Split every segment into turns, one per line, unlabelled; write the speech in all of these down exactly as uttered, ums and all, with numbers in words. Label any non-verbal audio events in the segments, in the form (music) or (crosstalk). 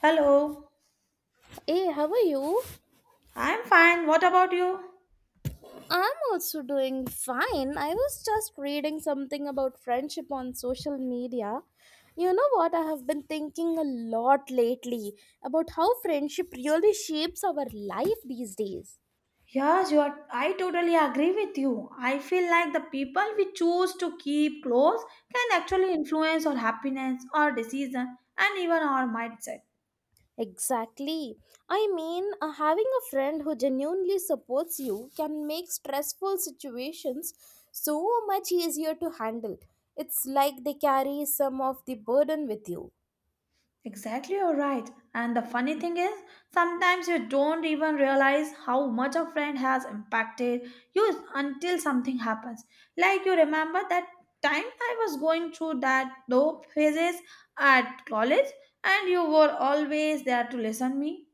Hello,
Hey, how are you?
I'm fine. What about you?
I'm also doing fine. I was just reading something about friendship on social media. You know what? I have been thinking a lot lately about how friendship really shapes our life these days.
Yes, you are. I totally agree with you. I feel like the people we choose to keep close can actually influence our happiness, our decision, and even our mindset.
Exactly. I mean, uh, having a friend who genuinely supports you can make stressful situations so much easier to handle. It's like they carry some of the burden with you.
Exactly, you're right. And the funny thing is, sometimes you don't even realize how much a friend has impacted you until something happens. Like you remember that time I was going through that low phases at college, and you were always there to listen me.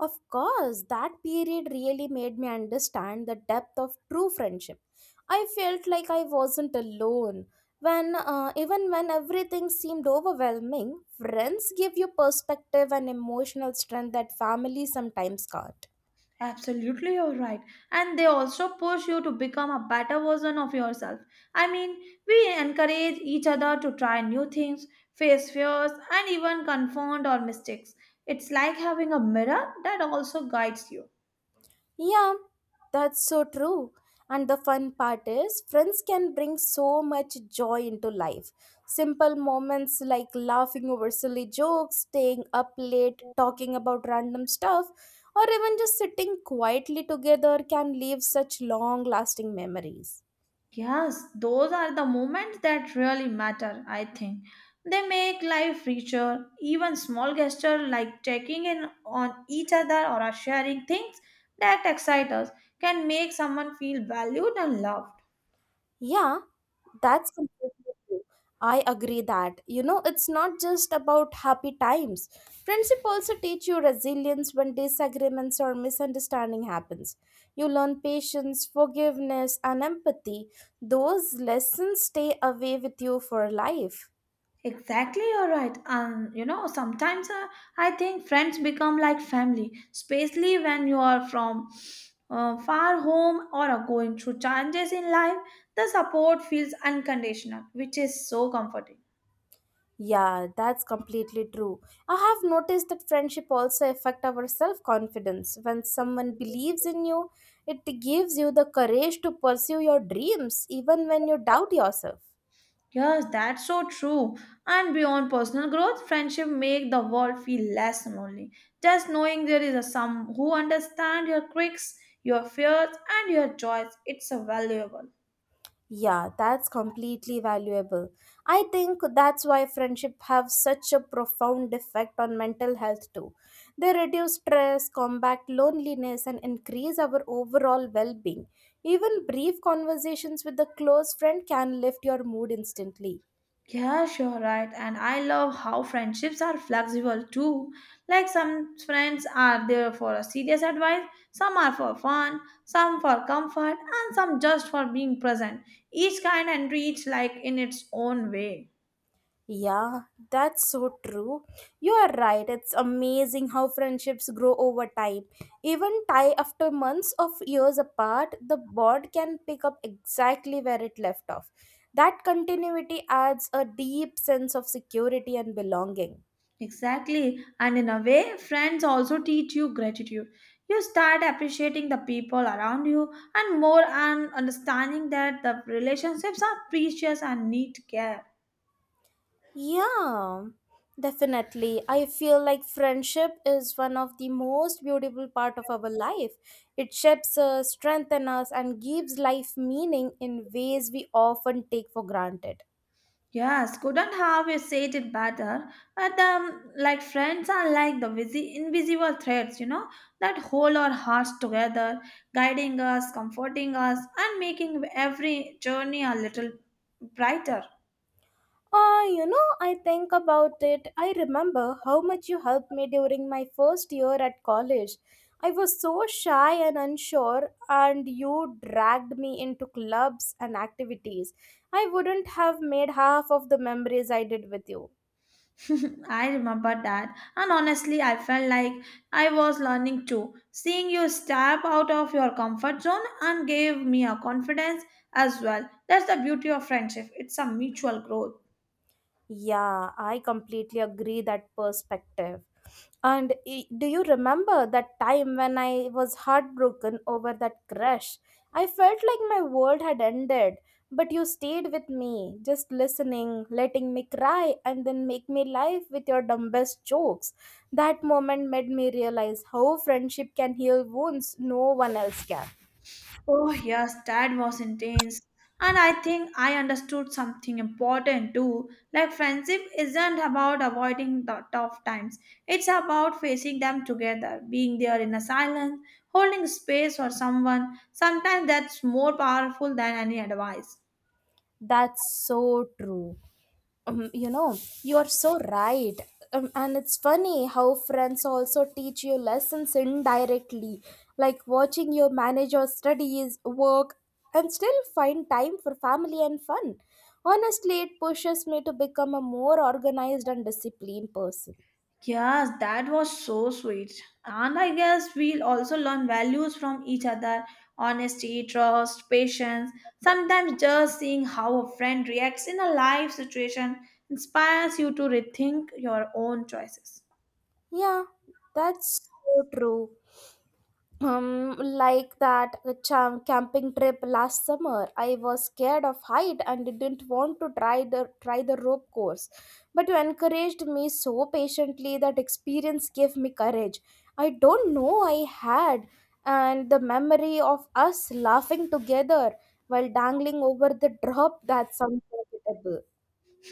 Of course, that period really made me understand the depth of true friendship. I felt like I wasn't alone. When uh, Even when everything seemed overwhelming, friends give you perspective and emotional strength that family sometimes can't.
Absolutely, you're right. And they also push you to become a better version of yourself. I mean, we encourage each other to try new things, face fears, and even confront our mistakes. It's like having a mirror that also guides you.
Yeah, that's so true. And the fun part is, friends can bring so much joy into life. Simple moments like laughing over silly jokes, staying up late, talking about random stuff, or even just sitting quietly together can leave such long lasting memories.
Yes, those are the moments that really matter, I think. They make life richer. Even small gestures like checking in on each other or sharing things that excite us can make someone feel valued and loved.
Yeah, that's completely true. I agree that, you know, it's not just about happy times. Friendship also teach you resilience when disagreements or misunderstanding happens. You learn patience, forgiveness, and empathy. Those lessons stay away with you for life.
Exactly, you're right. And you know, sometimes uh, I think friends become like family, especially when you are from uh, far home or are going through challenges in life. The support feels unconditional, which is so comforting.
Yeah, that's completely true. I have noticed that friendship also affect our self-confidence. When someone believes in you, it gives you the courage to pursue your dreams even when you doubt yourself.
Yes, that's so true. And beyond personal growth, friendship make the world feel less lonely. Just knowing there is a some who understand your quirks, your fears, and your joys, it's a valuable.
Yeah, that's completely valuable. I think that's why friendship have such a profound effect on mental health too. They reduce stress, combat loneliness and increase our overall well-being. Even brief conversations with a close friend can lift your mood instantly.
Yeah, sure, right. And I love how friendships are flexible too. Like some friends are there for a serious advice, some are for fun, some for comfort, and some just for being present. Each kind and each like in its own way.
Yeah, that's so true. You are right. It's amazing how friendships grow over time. Even tie after months of years apart, the bond can pick up exactly where it left off. That continuity adds a deep sense of security and belonging.
Exactly. And in a way, friends also teach you gratitude. You start appreciating the people around you and more and understanding that the relationships are precious and need care.
Yeah, definitely. I feel like friendship is one of the most beautiful part of our life. It shapes us, strengthens us, and gives life meaning in ways we often take for granted.
Yes, couldn't have you said it better. But um, like friends are like the visi- invisible threads, you know, that hold our hearts together, guiding us, comforting us, and making every journey a little brighter.
Uh, you know, I think about it. I remember how much you helped me during my first year at college. I was so shy and unsure, and you dragged me into clubs and activities. I wouldn't have made half of the memories I did with you.
(laughs) I remember that, and honestly, I felt like I was learning too. Seeing you step out of your comfort zone and gave me a confidence as well. That's the beauty of friendship. It's a mutual growth.
Yeah, I completely agree that perspective. And i- do you remember that time when I was heartbroken over that crush? I felt like my world had ended, but you stayed with me, just listening, letting me cry, and then make me laugh with your dumbest jokes. That moment made me realize how friendship can heal wounds no one else can.
Oh, yes, that was intense. And I think I understood something important too. Like, friendship isn't about avoiding the tough times, it's about facing them together, being there in a silence, holding space for someone. Sometimes that's more powerful than any advice.
That's so true. Um, you know, you are so right. Um, and it's funny how friends also teach you lessons indirectly, like watching your manage your studies, work, and still find time for family and fun. Honestly, it pushes me to become a more organized and disciplined person.
Yes, that was so sweet. And I guess we'll also learn values from each other honesty, trust, patience. Sometimes just seeing how a friend reacts in a life situation inspires you to rethink your own choices.
Yeah, that's so true. Um, like that cham- camping trip last summer. I was scared of height and didn't want to try the try the rope course, but you encouraged me so patiently that experience gave me courage. I don't know I had, and the memory of us laughing together while dangling over the drop that's unforgettable.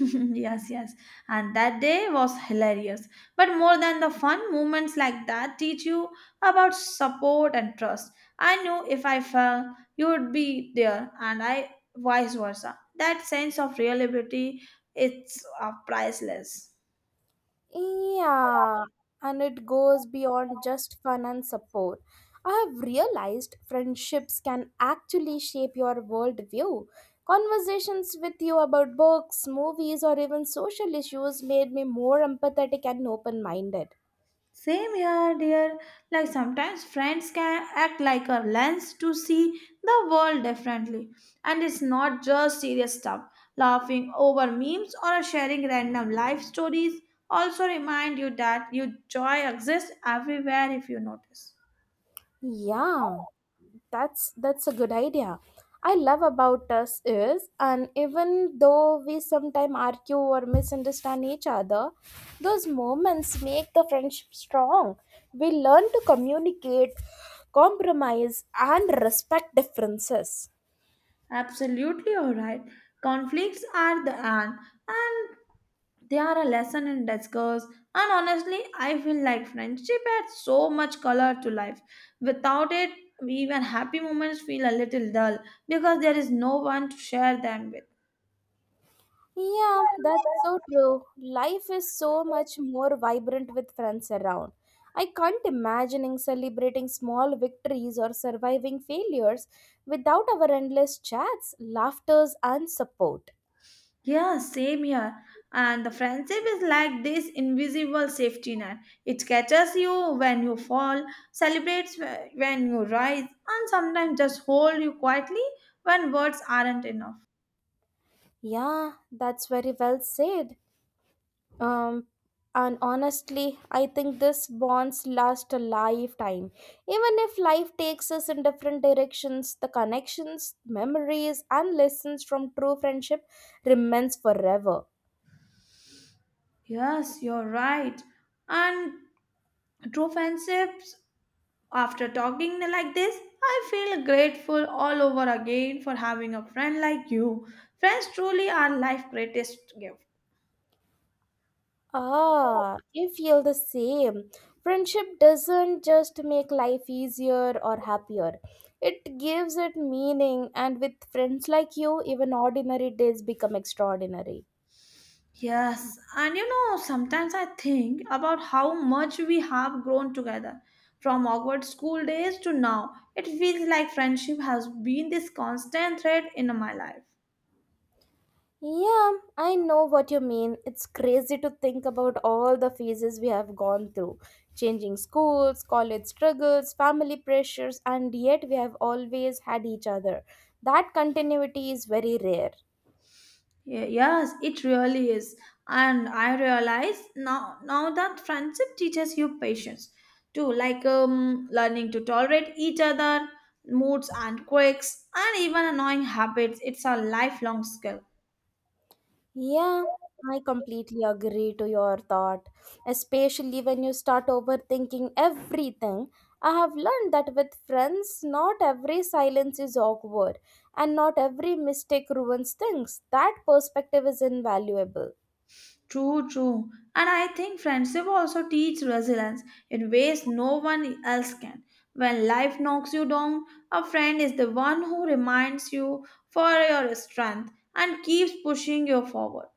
(laughs) yes, yes. And that day was hilarious. But more than the fun, moments like that teach you about support and trust. I knew if I fell, you would be there, and I vice versa. That sense of reliability it's uh, priceless.
Yeah, and it goes beyond just fun and support. I have realized friendships can actually shape your worldview. Conversations with you about books, movies, or even social issues made me more empathetic and open minded.
Same here, dear. Like sometimes friends can act like a lens to see the world differently. And it's not just serious stuff. Laughing over memes or sharing random life stories also remind you that your joy exists everywhere if you notice.
Yeah. That's that's a good idea. I love about us is, and even though we sometimes argue or misunderstand each other, those moments make the friendship strong. We learn to communicate, compromise, and respect differences.
Absolutely alright. Conflicts are the end, and they are a lesson in discourse and honestly I feel like friendship adds so much color to life without it even happy moments feel a little dull because there is no one to share them with.
Yeah, that's so true. Life is so much more vibrant with friends around. I can't imagine celebrating small victories or surviving failures without our endless chats, laughters, and support.
Yeah, same here. And the friendship is like this invisible safety net. It catches you when you fall, celebrates wh- when you rise, and sometimes just hold you quietly when words aren't enough.
Yeah, that's very well said. Um, and honestly, I think this bonds last a lifetime. Even if life takes us in different directions, the connections, memories, and lessons from true friendship remains forever.
Yes, you're right. And true friendships, after talking like this, I feel grateful all over again for having a friend like you. Friends truly are life's greatest gift.
Ah, you feel the same. Friendship doesn't just make life easier or happier. It gives it meaning, and with friends like you, even ordinary days become extraordinary.
Yes, and you know, sometimes I think about how much we have grown together. From awkward school days to now, it feels like friendship has been this constant thread in my life.
Yeah, I know what you mean. It's crazy to think about all the phases we have gone through changing schools, college struggles, family pressures, and yet we have always had each other. That continuity is very rare.
Ye- Yes, it really is. And I realize now now that friendship teaches you patience too, like um, learning to tolerate each other, moods and quirks, and even annoying habits. It's a lifelong skill.
Yeah, I completely agree to your thought, especially when you start overthinking everything. I have learned that with friends, not every silence is awkward and not every mistake ruins things. That perspective is invaluable.
True, true. And I think friendship also teach resilience in ways no one else can. When life knocks you down, a friend is the one who reminds you for your strength and keeps pushing you forward.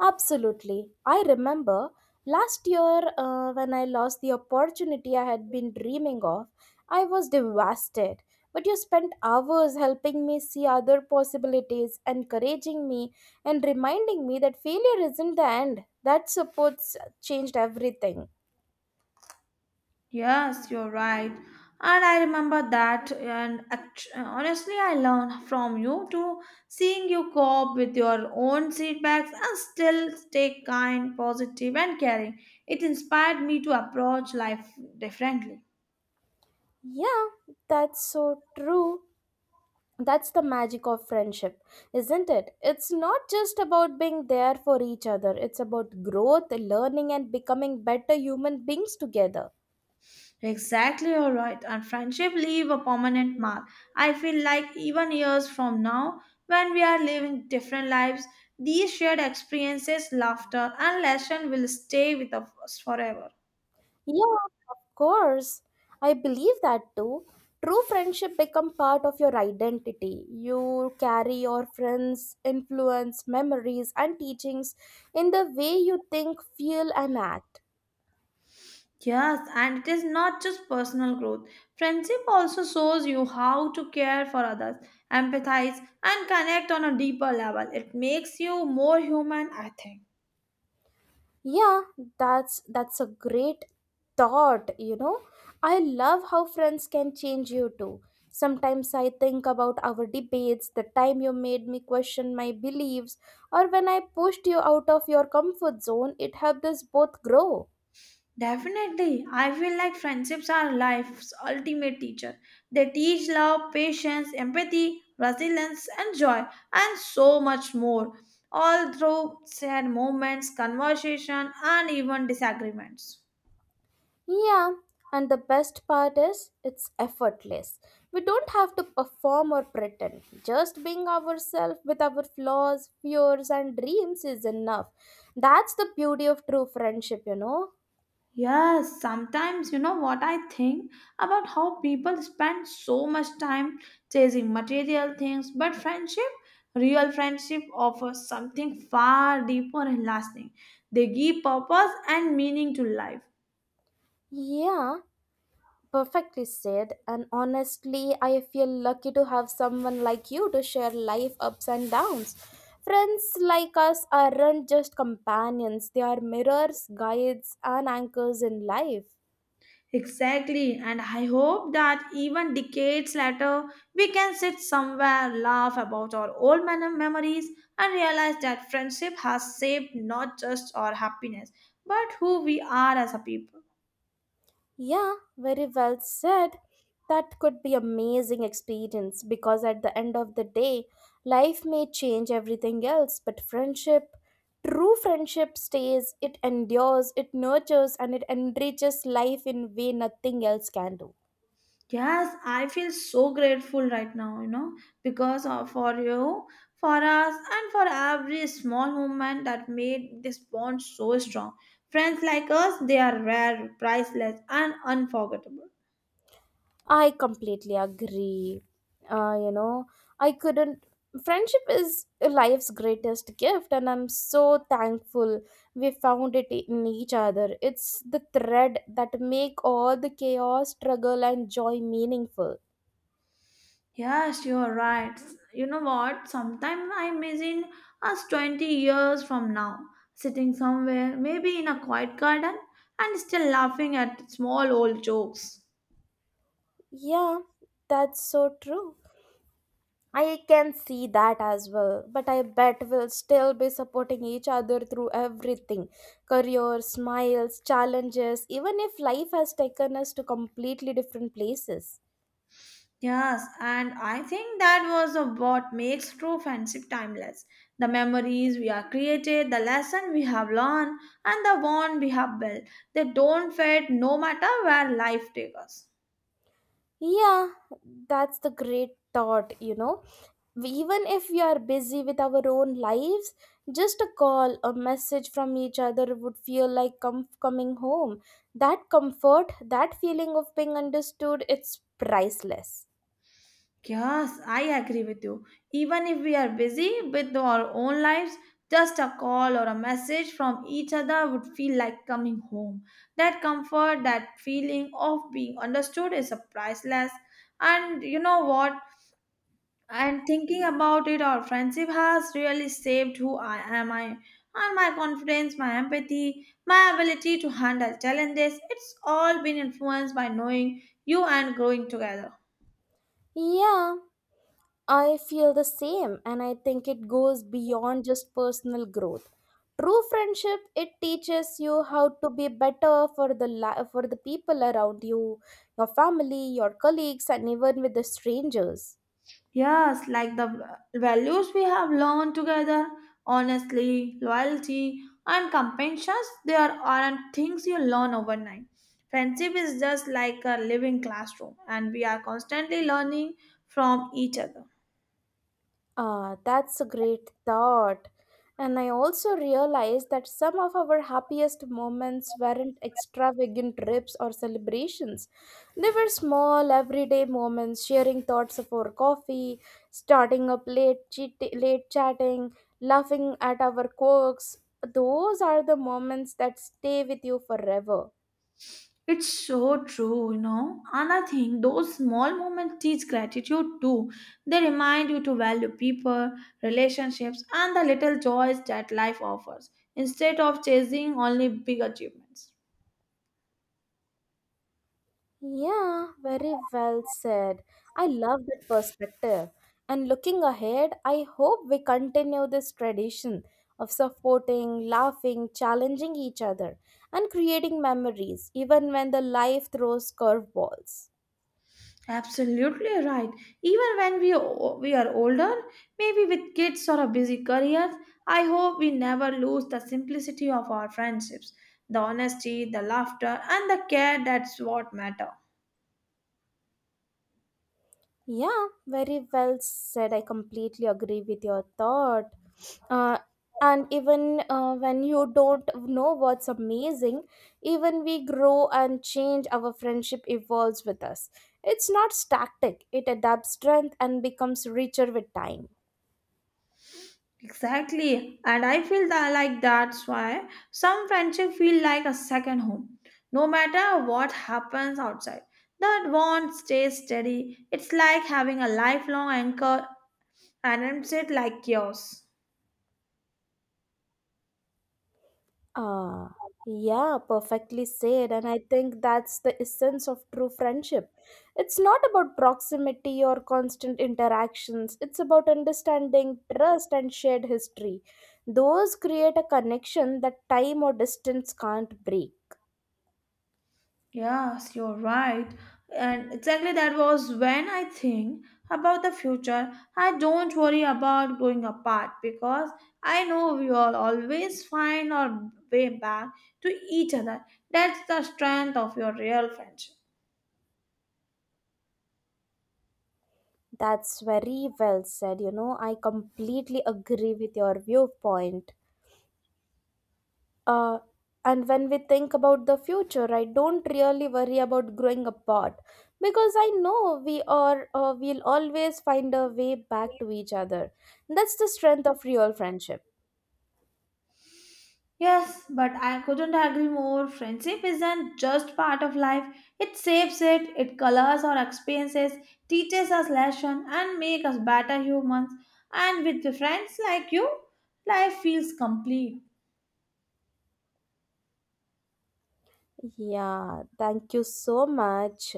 Absolutely. I remember last year uh, when I lost the opportunity I had been dreaming of, I was devastated. But you spent hours helping me see other possibilities, encouraging me, and reminding me that failure isn't the end. That support changed everything.
Yes, you're right. And I remember that, and act- honestly, I learned from you too. Seeing you cope with your own setbacks and still stay kind, positive, and caring, it inspired me to approach life differently.
Yeah, that's so true. That's the magic of friendship, isn't it? It's not just about being there for each other, it's about growth, learning, and becoming better human beings together.
Exactly, you're right. And friendship leave a permanent mark. I feel like even years from now, when we are living different lives, these shared experiences, laughter, and lesson will stay with us forever.
Yeah, of course. I believe that too. True friendship become part of your identity. You carry your friends' influence, memories, and teachings in the way you think, feel, and act.
Yes, and it is not just personal growth. Friendship also shows you how to care for others, empathize, and connect on a deeper level. It makes you more human, I think.
Yeah, that's that's a great thought, you know. I love how friends can change you too. Sometimes I think about our debates, the time you made me question my beliefs or when I pushed you out of your comfort zone, it helped us both grow.
Definitely. I feel like friendships are life's ultimate teacher. They teach love, patience, empathy, resilience, and joy, and so much more, all through shared moments, conversation, and even disagreements.
Yeah, and the best part is it's effortless. We don't have to perform or pretend. Just being ourselves with our flaws, fears, and dreams is enough. That's the beauty of true friendship, you know?
Yes, sometimes you know what I think about how people spend so much time chasing material things, but friendship, real friendship, offers something far deeper and lasting. They give purpose and meaning to life.
Yeah, perfectly said. And honestly, I feel lucky to have someone like you to share life ups and downs. Friends like us aren't just companions, they are mirrors, guides, and anchors in life.
Exactly, and I hope that even decades later, we can sit somewhere, laugh about our old mem- memories, and realize that friendship has shaped not just our happiness, but who we are as a people.
Yeah, very well said. That could be amazing experience because at the end of the day, life may change everything else, but friendship, true friendship stays, it endures, it nurtures and it enriches life in way nothing else can do.
Yes, I feel so grateful right now, you know, because of for you, for us, and for every small moment that made this bond so strong. Friends like us, they are rare, priceless, and unforgettable.
I completely agree. Uh, you know, I couldn't. Friendship is life's greatest gift, and I'm so thankful we found it in each other. It's the thread that make all the chaos, struggle, and joy meaningful.
Yes, you are right. You know what? Sometimes I imagine us twenty years from now, sitting somewhere, maybe in a quiet garden, and still laughing at small old jokes.
Yeah, that's so true. I can see that as well, but I bet we'll still be supporting each other through everything career, smiles, challenges, even if life has taken us to completely different places.
Yes, and I think that was a- what makes true friendship timeless. The memories we have created, the lesson we have learned, and the bond we have built. They don't fade no matter where life takes us.
Yeah, that's the great thought, you know. We- Even if we are busy with our own lives, just a call, a message from each other would feel like com- coming home. That comfort, that feeling of being understood, it's priceless.
Yes, I agree with you. Even if we are busy with our own lives, just a call or a message from each other would feel like coming home. That comfort, that feeling of being understood is a priceless. And you know what? And thinking about it, our friendship has really shaped who I am. I and my confidence, my empathy, my ability to handle challenges. It's all been influenced by knowing you and growing together.
Yeah, I feel the same, and I think it goes beyond just personal growth. True friendship it teaches you how to be better for the li- for the people around you, your family, your colleagues, and even with the strangers.
Yes, like the v- values we have learned together, honestly, loyalty, and compassion, there aren't things you learn overnight. Friendship is just like a living classroom, and we are constantly learning from each other.
Ah, that's a great thought. And I also realized that some of our happiest moments weren't extravagant trips or celebrations. They were small, everyday moments, sharing thoughts over coffee, starting up late, chit- late chatting, laughing at our quirks. Those are the moments that stay with you forever.
It's so true, you know. And I think those small moments teach gratitude too. They remind you to value people, relationships, and the little joys that life offers instead of chasing only big achievements.
Yeah, very well said. I love that perspective. And looking ahead, I hope we continue this tradition of supporting, laughing, challenging each other, and creating memories, even when the life throws curveballs.
Absolutely right. Even when we, o- we are older, maybe with kids or a busy career, I hope we never lose the simplicity of our friendships, the honesty, the laughter, and the care that's what matter.
Yeah, very well said. I completely agree with your thought. Uh, and even uh, when you don't know what's amazing, even we grow and change, our friendship evolves with us. It's not static, it adapts strength and becomes richer with time.
Exactly. And I feel that like that's why some friendship feel like a second home. No matter what happens outside, that bond stays steady. It's like having a lifelong anchor and it's it like yours.
Ah, yeah, perfectly said. And I think that's the essence of true friendship. It's not about proximity or constant interactions, it's about understanding, trust, and shared history. Those create a connection that time or distance can't break.
Yes, you're right. And exactly that was when I think about the future. I don't worry about growing apart because I know we will always find our way back to each other. That's the strength of your real friendship.
That's very well said. You know, I completely agree with your viewpoint. uh, and when we think about the future, I don't really worry about growing apart because I know we are uh, we'll always find a way back to each other. That's the strength of real friendship.
Yes, but I couldn't agree more. Friendship isn't just part of life. It shapes it, it colors our experiences, teaches us lessons, and makes us better humans. And with the friends like you, life feels complete.
Yeah, thank you so much.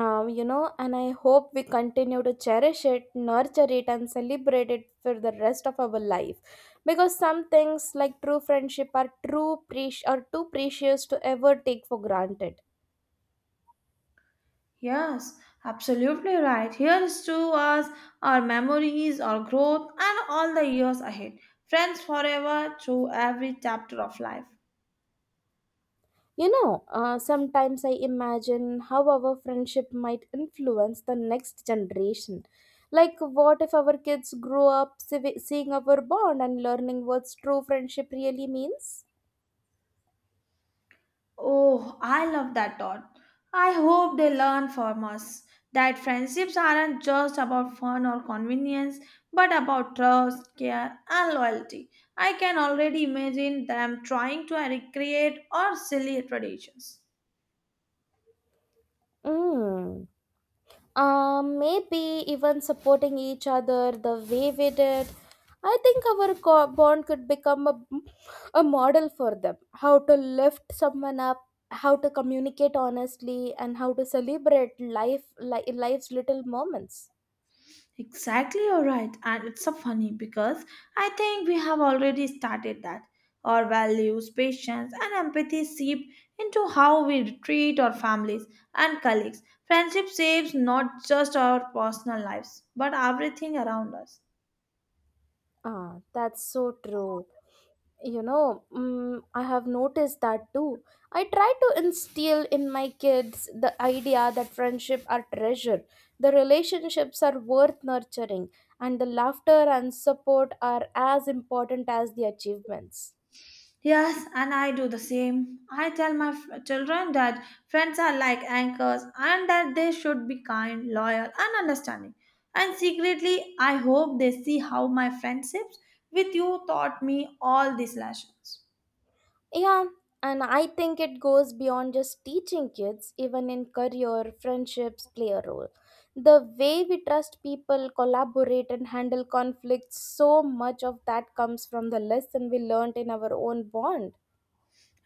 um, You know, and I hope we continue to cherish it, nurture it and celebrate it for the rest of our life, because some things like true friendship are true pre- are too precious to ever take for granted.
Yes, absolutely right. Here is to us our memories, our growth, and all the years ahead. Friends forever through every chapter of life.
You know, uh, sometimes I imagine how our friendship might influence the next generation. Like, what if our kids grow up seeing our bond and learning what true friendship really means?
Oh, I love that thought. I hope they learn from us that friendships aren't just about fun or convenience, but about trust, care, and loyalty. I can already imagine them trying to recreate our silly traditions.
Mm. Um, maybe even supporting each other the way we did. I think our co- bond could become a, a model for them how to lift someone up, how to communicate honestly, and how to celebrate life, li- life's little moments.
Exactly, you're right. And it's so funny because I think we have already started that. Our values, patience, and empathy seep into how we treat our families and colleagues. Friendship saves not just our personal lives, but everything around us.
Ah, that's so true. You know, mm, I have noticed that too. I try to instill in my kids the idea that friendship are treasure, the relationships are worth nurturing, and the laughter and support are as important as the achievements.
Yes, and I do the same. I tell my f- children that friends are like anchors and that they should be kind, loyal, and understanding. And secretly, I hope they see how my friendships with you taught me all these lessons.
Yeah, and I think it goes beyond just teaching kids, even in career, friendships play a role. The way we trust people, collaborate, and handle conflicts, so much of that comes from the lesson we learned in our own bond.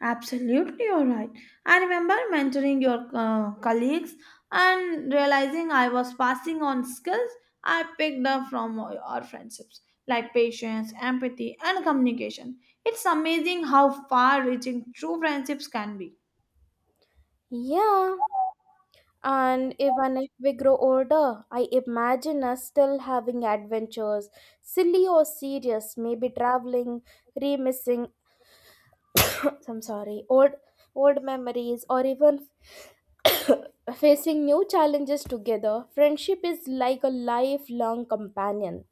Absolutely, you're right. I remember mentoring your uh, colleagues and realizing I was passing on skills I picked up from our friendships, like patience, empathy, and communication. It's amazing how far reaching true friendships can be.
Yeah, and even if we grow older, I imagine us still having adventures, silly or serious, maybe traveling, remissing, (coughs) I'm sorry, old old memories, or even (coughs) facing new challenges together. Friendship is like a lifelong companion.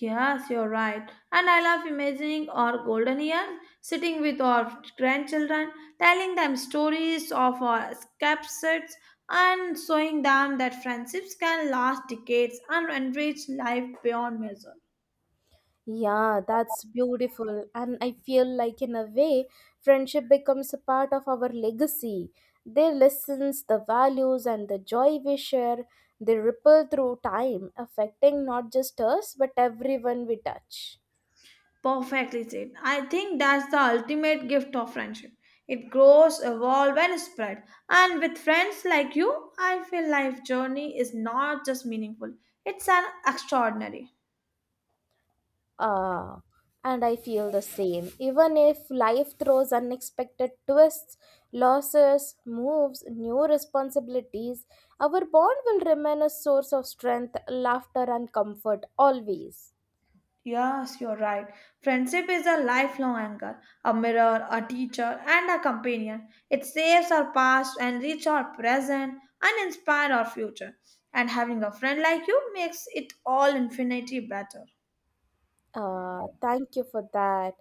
Yes, you're right. And I love imagining our golden years, sitting with our grandchildren, telling them stories of our escapades, and showing them that friendships can last decades and enrich life beyond measure.
Yeah, that's beautiful. And I feel like, in a way, friendship becomes a part of our legacy. Their lessons, the values, and the joy we share, they ripple through time, affecting not just us, but everyone we touch.
Perfectly said. I think that's the ultimate gift of friendship. It grows, evolves, and spread. And with friends like you, I feel life journey is not just meaningful; it's an extraordinary.
Ah, and I feel the same. Even if life throws unexpected twists, losses, moves, new responsibilities, our bond will remain a source of strength, laughter, and comfort always.
Yes, you're right. Friendship is a lifelong anchor, a mirror, a teacher, and a companion. It saves our past, enriches our present, and inspires our future. And having a friend like you makes it all infinitely better.
Uh, thank you for that.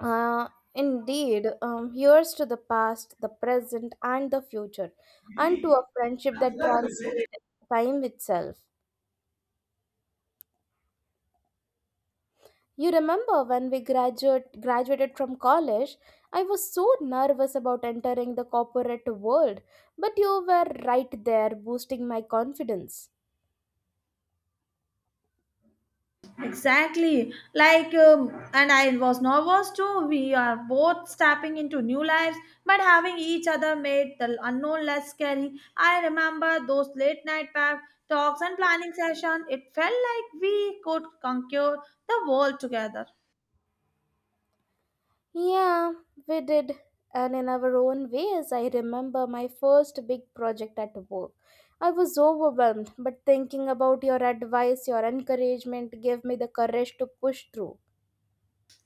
Uh, Indeed, um, here's to the past, the present, and the future, and to a friendship that translated time itself. You remember when we graduate, graduated from college, I was so nervous about entering the corporate world, but you were right there boosting my confidence.
Exactly. Like, um, and I was nervous too. We are both stepping into new lives, but having each other made the unknown less scary. I remember those late night pack talks and planning session. It felt like we could conquer the world together.
Yeah, we did. And in our own ways, I remember my first big project at work. I was overwhelmed, but thinking about your advice, your encouragement gave me the courage to push through.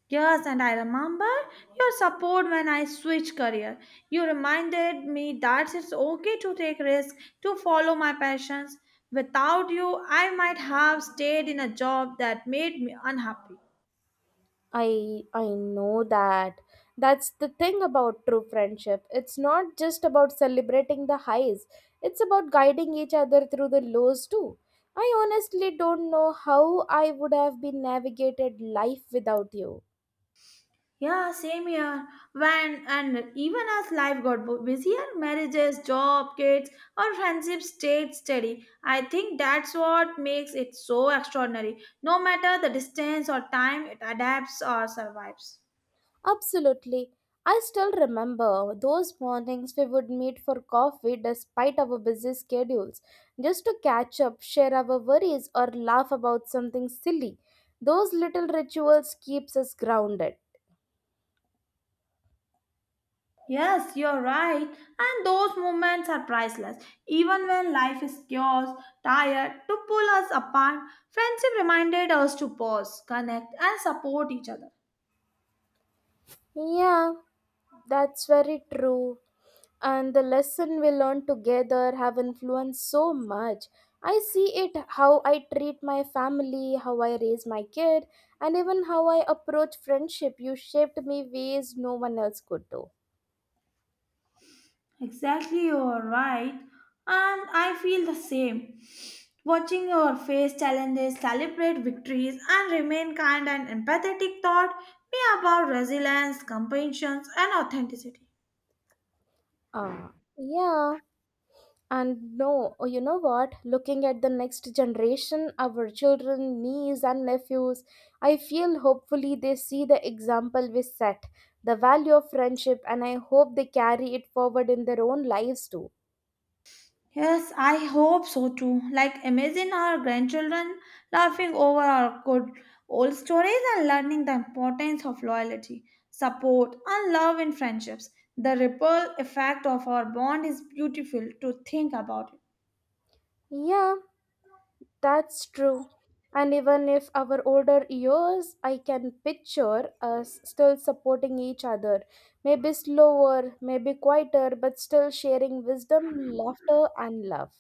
Yes, and I remember your support when I switched career. You reminded me that it's okay to take risks, to follow my passions. Without you, I might have stayed in a job that made me unhappy.
I I know that. That's the thing about true friendship. It's not just about celebrating the highs. It's about guiding each other through the lows too. I honestly don't know how I would have been navigated life without you.
Yeah, same here. When and even as life got bu- busier, marriages, job, kids, or friendships stayed steady. I think that's what makes it so extraordinary. No matter the distance or time, it adapts or survives.
Absolutely. I still remember those mornings we would meet for coffee despite our busy schedules, just to catch up, share our worries, or laugh about something silly. Those little rituals keeps us grounded.
Yes, you're right. And those moments are priceless. Even when life is chaos, tired, to pull us apart, friendship reminded us to pause, connect, and support each other.
Yeah, that's very true. And the lesson we learn together have influenced so much. I see it how I treat my family, how I raise my kid, and even how I approach friendship. You shaped me ways no one else could do.
Exactly, you're right. And I feel the same. Watching your face challenges, celebrate victories, and remain kind and empathetic taught me about resilience, compassion, and authenticity.
Ah, yeah, and no oh, you know what looking at the next generation, our children, nieces and nephews, I feel hopefully they see the example we set, the value of friendship, and I hope they carry it forward in their own lives too.
Yes, I hope so too. Like, imagine our grandchildren laughing over our good old stories and learning the importance of loyalty, support, and love in friendships. The ripple effect of our bond is beautiful to think about it.
Yeah, that's true. And even if our older years, I can picture us still supporting each other. Maybe slower, maybe quieter, but still sharing wisdom, laughter, and love.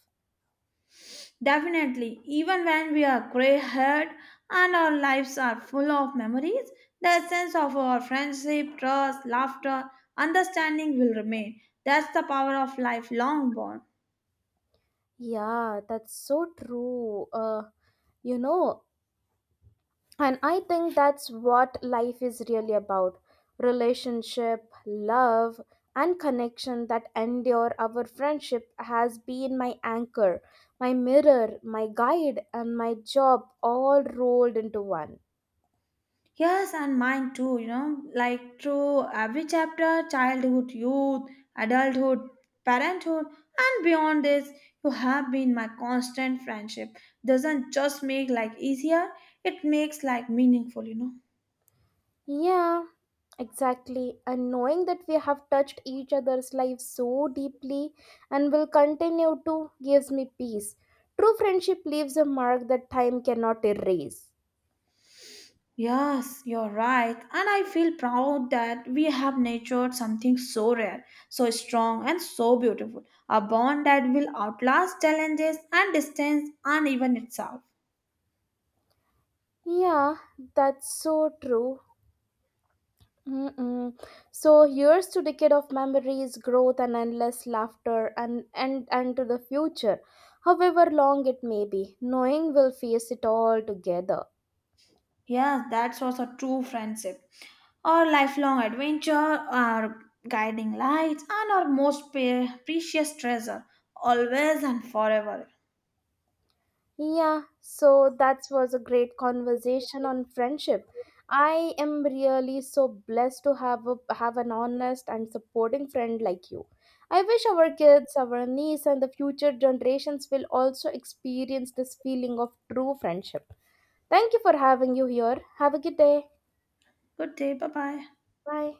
Definitely, even when we are gray haired and our lives are full of memories, the essence of our friendship, trust, laughter, understanding will remain. That's the power of lifelong bond.
Yeah, that's so true. Uh, you know, And I think that's what life is really about, relationship, love, and connection that endure. Our friendship has been my anchor, my mirror, my guide, and my job all rolled into one.
Yes, and mine too, you know, like through every chapter childhood, youth, adulthood, parenthood, and beyond this, you have been my constant friendship. Doesn't just make life easier, it makes life meaningful, you know.
Yeah, exactly. And knowing that we have touched each other's lives so deeply and will continue to gives me peace. True friendship leaves a mark that time cannot erase.
Yes, you're right. And I feel proud that we have nurtured something so rare, so strong, and so beautiful. A bond that will outlast challenges and distance and even itself.
Yeah, that's so true. Mm-mm. So here's to decade of memories, growth, and endless laughter, and and and to the future, however long it may be. Knowing we'll face it all together.
Yes, that's also true friendship. Our lifelong adventure, our guiding lights, and our most pre- precious treasure, always and forever.
Yeah, so that was a great conversation on friendship. I am really so blessed to have a, have an honest and supporting friend like you. I wish our kids, our niece, and the future generations will also experience this feeling of true friendship. Thank you for having you here. Have a good day.
Good day, bye bye.
Bye.